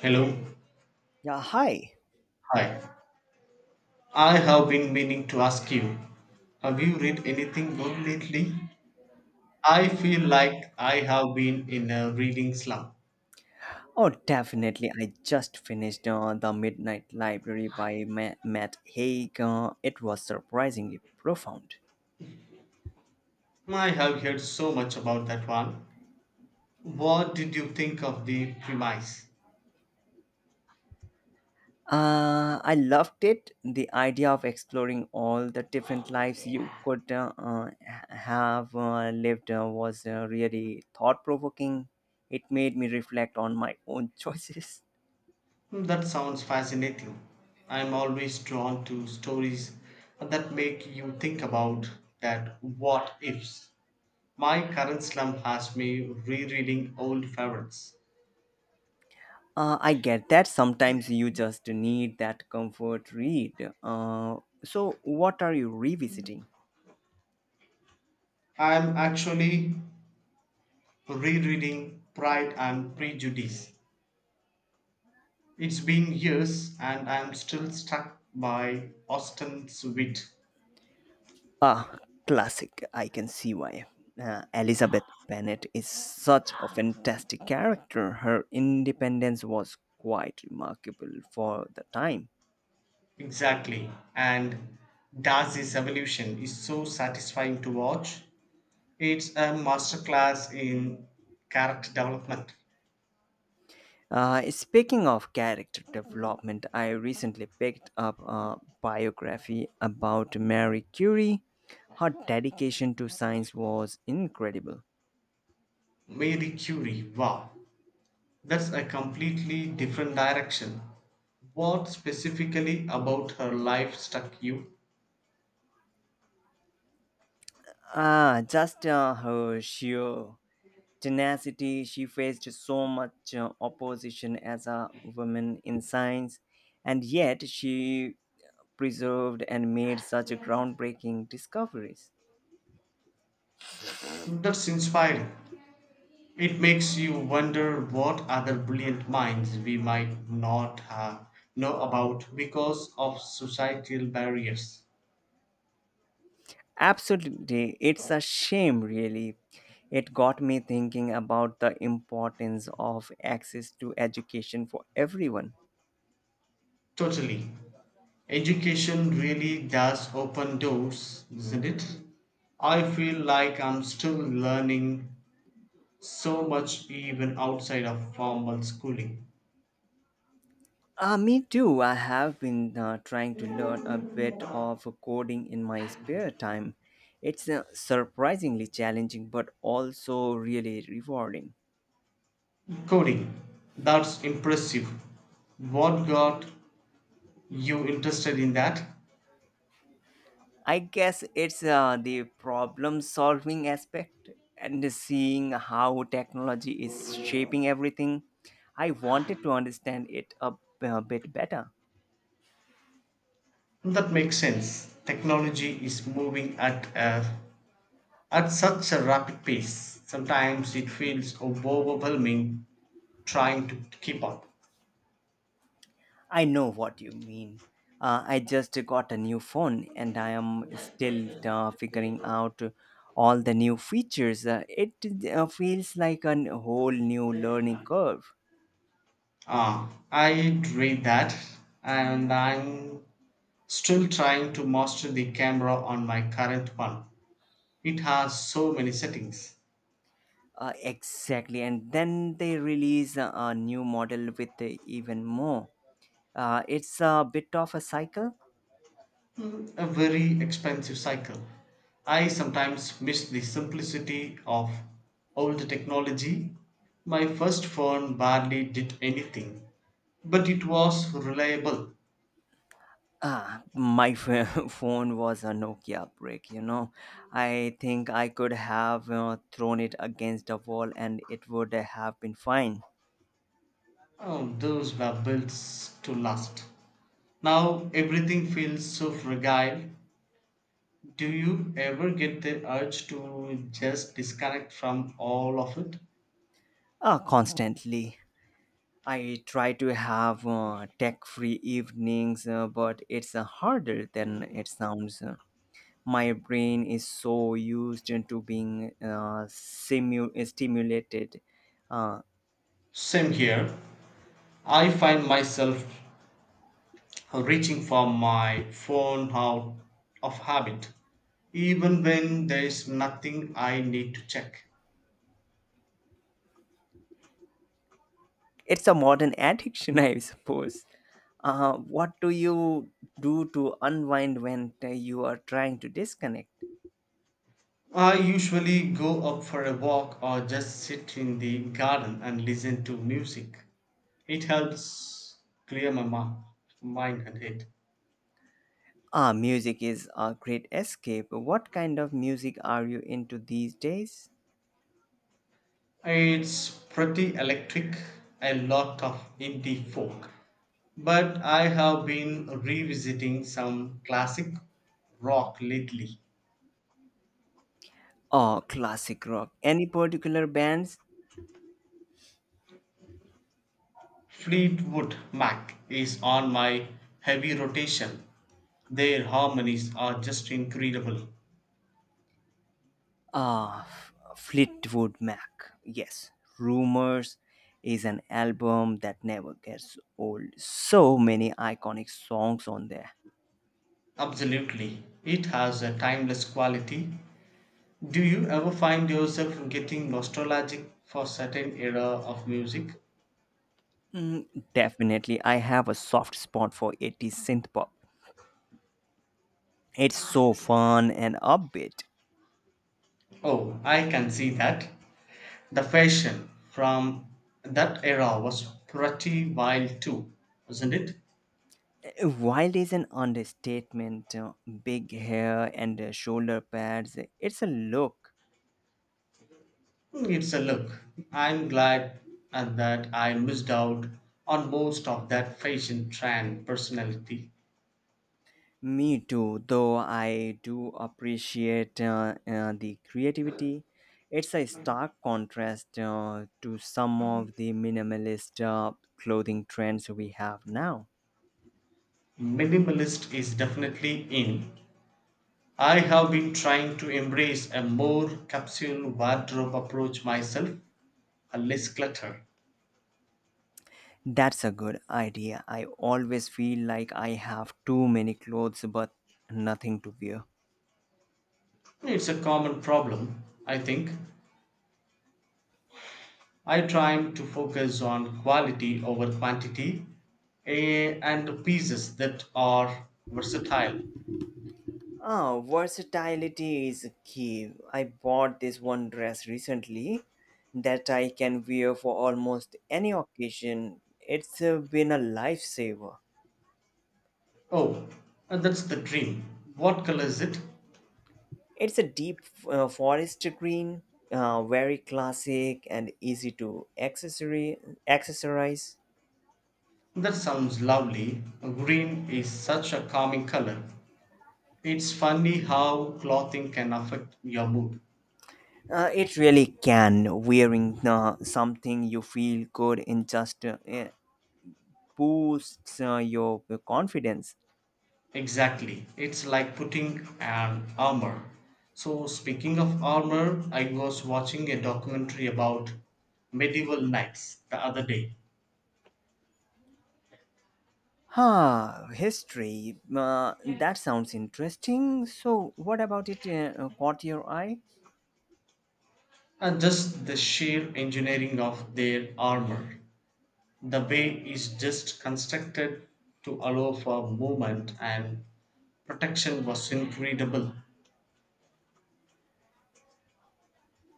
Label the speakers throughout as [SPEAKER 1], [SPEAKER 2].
[SPEAKER 1] Hello.
[SPEAKER 2] Yeah, hi.
[SPEAKER 1] Hi. I have been meaning to ask you, have you read anything good lately? I feel like I have been in a reading slump.
[SPEAKER 2] Oh, definitely. I just finished The Midnight Library by Matt Haig. It was surprisingly profound.
[SPEAKER 1] I have heard so much about that one. What did you think of the premise?
[SPEAKER 2] I loved it. The idea of exploring all the different lives you could have lived was really thought provoking. It made me reflect on my own choices.
[SPEAKER 1] That sounds fascinating. I'm always drawn to stories that make you think about that what ifs. My current slump has me rereading old favorites.
[SPEAKER 2] I get that sometimes you just need that comfort read. So, what are you revisiting?
[SPEAKER 1] I'm actually rereading Pride and Prejudice. It's been years and I'm still struck by Austen's wit.
[SPEAKER 2] Ah, classic. I can see why. Elizabeth Bennet is such a fantastic character. Her independence was quite remarkable for the time.
[SPEAKER 1] Exactly. And Darcy's evolution is so satisfying to watch. It's a masterclass in character development.
[SPEAKER 2] Speaking of character development, I recently picked up a biography about Marie Curie. Her dedication to science was incredible.
[SPEAKER 1] Mary Curie, wow. That's a completely different direction. What specifically about her life struck you?
[SPEAKER 2] Ah, just her sheer tenacity. She faced so much opposition as a woman in science, and yet she preserved and made such groundbreaking discoveries.
[SPEAKER 1] That's inspiring. It makes you wonder what other brilliant minds we might not have know about because of societal barriers.
[SPEAKER 2] Absolutely, it's a shame, really. It got me thinking about the importance of access to education for everyone.
[SPEAKER 1] Totally. Education really does open doors, isn't it? I feel like I'm still learning so much even outside of formal schooling.
[SPEAKER 2] Me too. I have been trying to learn a bit of coding in my spare time. It's surprisingly challenging, but also really rewarding.
[SPEAKER 1] Coding. That's impressive. What got you interested in that?
[SPEAKER 2] I guess it's the problem solving aspect and seeing how technology is shaping everything. I wanted to understand a bit better.
[SPEAKER 1] That makes sense. Technology is moving at such a rapid pace. Sometimes it feels overwhelming trying to keep up.
[SPEAKER 2] I know what you mean. I just got a new phone and I am still figuring out all the new features. It feels like a whole new learning curve.
[SPEAKER 1] Ah, I read that, and I'm still trying to master the camera on my current one. It has so many settings.
[SPEAKER 2] Exactly. And then they release a new model with even more. It's a bit of a cycle.
[SPEAKER 1] Mm, a very expensive cycle. I sometimes miss the simplicity of old technology. My first phone barely did anything, but it was reliable.
[SPEAKER 2] Ah, phone was a Nokia brick, you know. I think I could have thrown it against a wall and it would have been fine.
[SPEAKER 1] Oh, those were built to last. Now everything feels so fragile. Do you ever get the urge to just disconnect from all of it?
[SPEAKER 2] Constantly. I try to have tech free evenings, but it's harder than it sounds. My brain is so used to being stimulated. Uh,
[SPEAKER 1] Same here. I find myself reaching for my phone out of habit, even when there's nothing I need to check.
[SPEAKER 2] it's a modern addiction, I suppose. What do you do to unwind when you are trying to disconnect?
[SPEAKER 1] I usually go up for a walk or just sit in the garden and listen to music. It helps clear my mind and head.
[SPEAKER 2] Ah, music is a great escape. What kind of music are you into these days?
[SPEAKER 1] It's pretty electric, a lot of indie folk. But I have been revisiting some classic rock lately.
[SPEAKER 2] Oh, classic rock. Any particular bands?
[SPEAKER 1] Fleetwood Mac is on my heavy rotation. Their harmonies are just incredible.
[SPEAKER 2] Ah, Fleetwood Mac. Yes, Rumors is an album that never gets old. So many iconic songs on there.
[SPEAKER 1] Absolutely. It has a timeless quality. Do you ever find yourself getting nostalgic for certain era of music?
[SPEAKER 2] Mm, definitely, I have a soft spot for 80s synth pop. It's so fun and upbeat.
[SPEAKER 1] Oh, I can see that. The fashion from that era was pretty wild too, wasn't it?
[SPEAKER 2] Wild is an understatement. Big hair and shoulder pads. It's a look.
[SPEAKER 1] Hmm, it's a look. I'm glad and that I missed out on most of that fashion trend personality.
[SPEAKER 2] Me too, though I do appreciate the creativity. It's a stark contrast to some of the minimalist clothing trends we have now.
[SPEAKER 1] Minimalist is definitely in. I have been trying to embrace a more capsule wardrobe approach myself, a less clutter.
[SPEAKER 2] That's a good idea. I always feel like I have too many clothes but nothing to wear.
[SPEAKER 1] It's a common problem, I think. I try to focus on quality over quantity and pieces that are versatile.
[SPEAKER 2] Ah, versatility is key. I bought this one dress recently that I can wear for almost any occasion. It's been a lifesaver.
[SPEAKER 1] Oh, that's the dream. What color is it?
[SPEAKER 2] It's a deep forest green, very classic and easy to accessory accessorize.
[SPEAKER 1] That sounds lovely. Green is such a calming color. It's funny how clothing can affect your mood.
[SPEAKER 2] It really can, wearing something you feel good in just boosts your confidence.
[SPEAKER 1] Exactly. It's like putting an armor. So, speaking of armor, I was watching a documentary about medieval knights the other day.
[SPEAKER 2] Huh, history. That sounds interesting. So, what about it caught your eye?
[SPEAKER 1] And just the sheer engineering of their armor. The bay is just constructed to allow for movement and protection was incredible.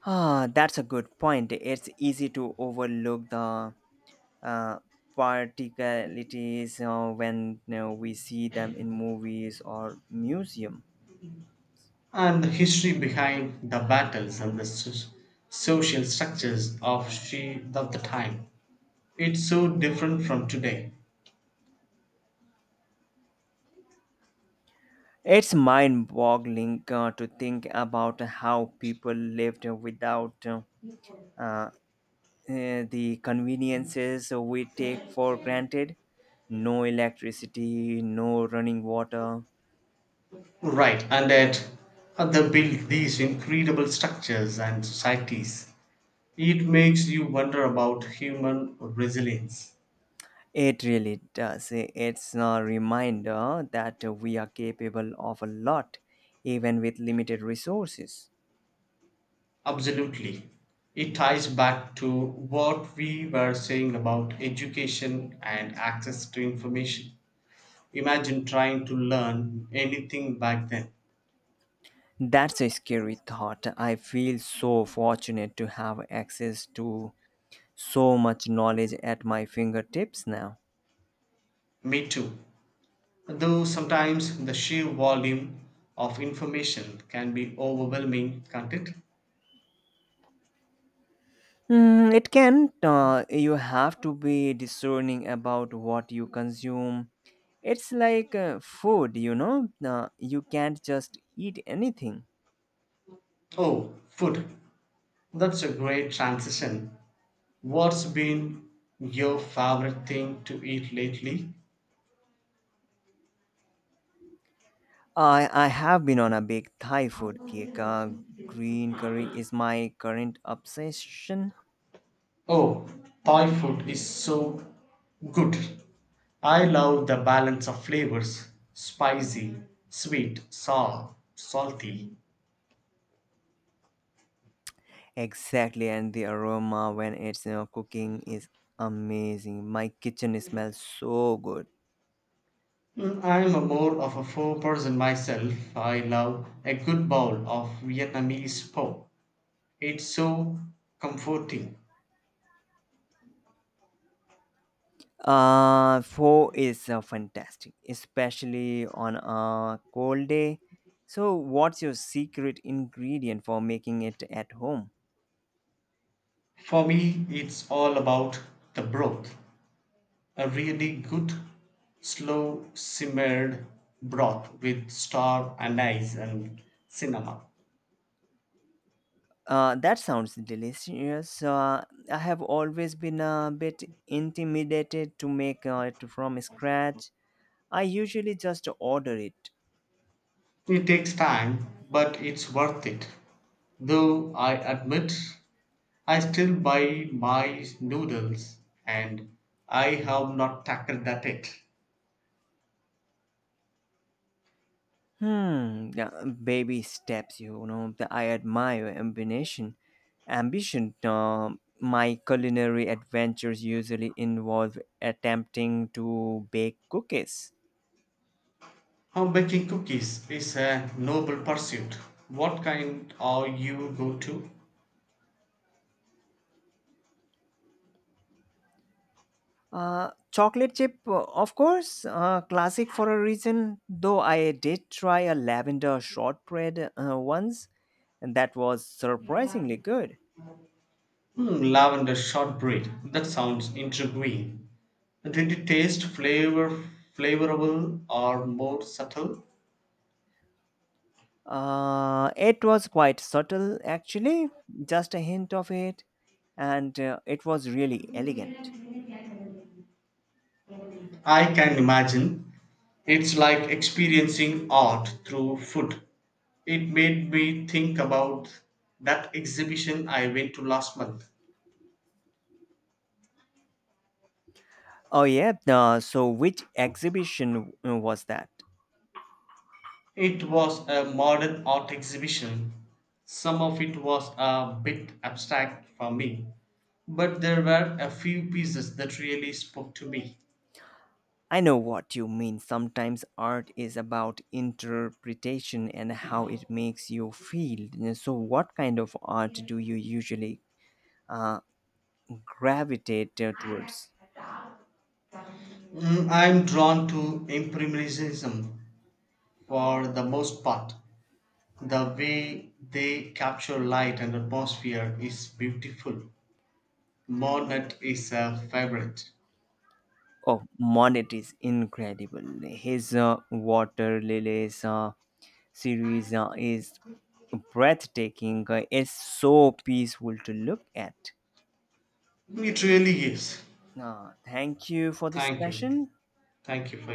[SPEAKER 2] Ah, that's a good point. It's easy to overlook the uh, particularities when, you know, we see them in movies or museum.
[SPEAKER 1] And the history behind the battles and the social structures of she of the time. It's so different from today.
[SPEAKER 2] It's mind-boggling to think about how people lived without uh, the conveniences we take for granted, no electricity, no running water.
[SPEAKER 1] Right, and that other built these incredible structures and societies. It makes you wonder about human resilience.
[SPEAKER 2] It really does. It's a reminder that we are capable of a lot, even with limited resources.
[SPEAKER 1] Absolutely. It ties back to what we were saying about education and access to information. Imagine trying to learn anything back then.
[SPEAKER 2] That's a scary thought. I feel so fortunate to have access to so much knowledge at my fingertips now.
[SPEAKER 1] Me too. Though sometimes the sheer volume of information can be overwhelming, can't it?
[SPEAKER 2] Mm, it can. You have to be discerning about what you consume. It's like food, you know. You can't just eat anything.
[SPEAKER 1] Oh, food. That's a great transition. What's been your favorite thing to eat lately?
[SPEAKER 2] I have been on a big Thai food kick. Green curry is my current obsession.
[SPEAKER 1] Oh, Thai food is so good. I love the balance of flavors spicy, sweet, sour, salty.
[SPEAKER 2] Exactly, and the aroma when it's, you know, cooking is amazing. My kitchen smells so good.
[SPEAKER 1] Mm, I'm a more of a four-person myself. I love a good bowl of Vietnamese pho. It's so comforting.
[SPEAKER 2] Four is fantastic, especially on a cold day. So, what's your secret ingredient for making it at home?
[SPEAKER 1] For me, it's all about the broth. A really good, slow simmered broth with star anise and cinnamon.
[SPEAKER 2] That sounds delicious. I have always been a bit intimidated to make it from scratch. I usually just order it.
[SPEAKER 1] It takes time, but it's worth it. Though I admit, I still buy my noodles and I have not tackled that yet.
[SPEAKER 2] Hmm, yeah, baby steps, you know. That I admire your ambition. Ambition. My culinary adventures usually involve attempting to bake cookies.
[SPEAKER 1] How baking cookies is a noble pursuit. What kind are you go to?
[SPEAKER 2] Chocolate chip, of course, classic for a reason. Though I did try a lavender shortbread once, and that was surprisingly good.
[SPEAKER 1] Hmm, lavender shortbread. That sounds intriguing. Did it taste flavorable or more subtle?
[SPEAKER 2] It was quite subtle, actually, just a hint of it, and it was really elegant.
[SPEAKER 1] I can imagine. It's like experiencing art through food. It made me think about that exhibition I went to last month.
[SPEAKER 2] Oh, yeah, so which exhibition was that?
[SPEAKER 1] It was a modern art exhibition. Some of it was a bit abstract for me, but there were a few pieces that really spoke to me.
[SPEAKER 2] I know what you mean. Sometimes art is about interpretation and how it makes you feel. So, what kind of art do you usually uh, gravitate towards?
[SPEAKER 1] Mm, I'm drawn to Impressionism for the most part. The way they capture light and atmosphere is beautiful. Monet is a favorite.
[SPEAKER 2] Oh, Monet is incredible. His Water Lilies series is breathtaking. It's so peaceful to look at.
[SPEAKER 1] It really is.
[SPEAKER 2] Thank you for this
[SPEAKER 1] Thank you.
[SPEAKER 2] session.
[SPEAKER 1] Thank you for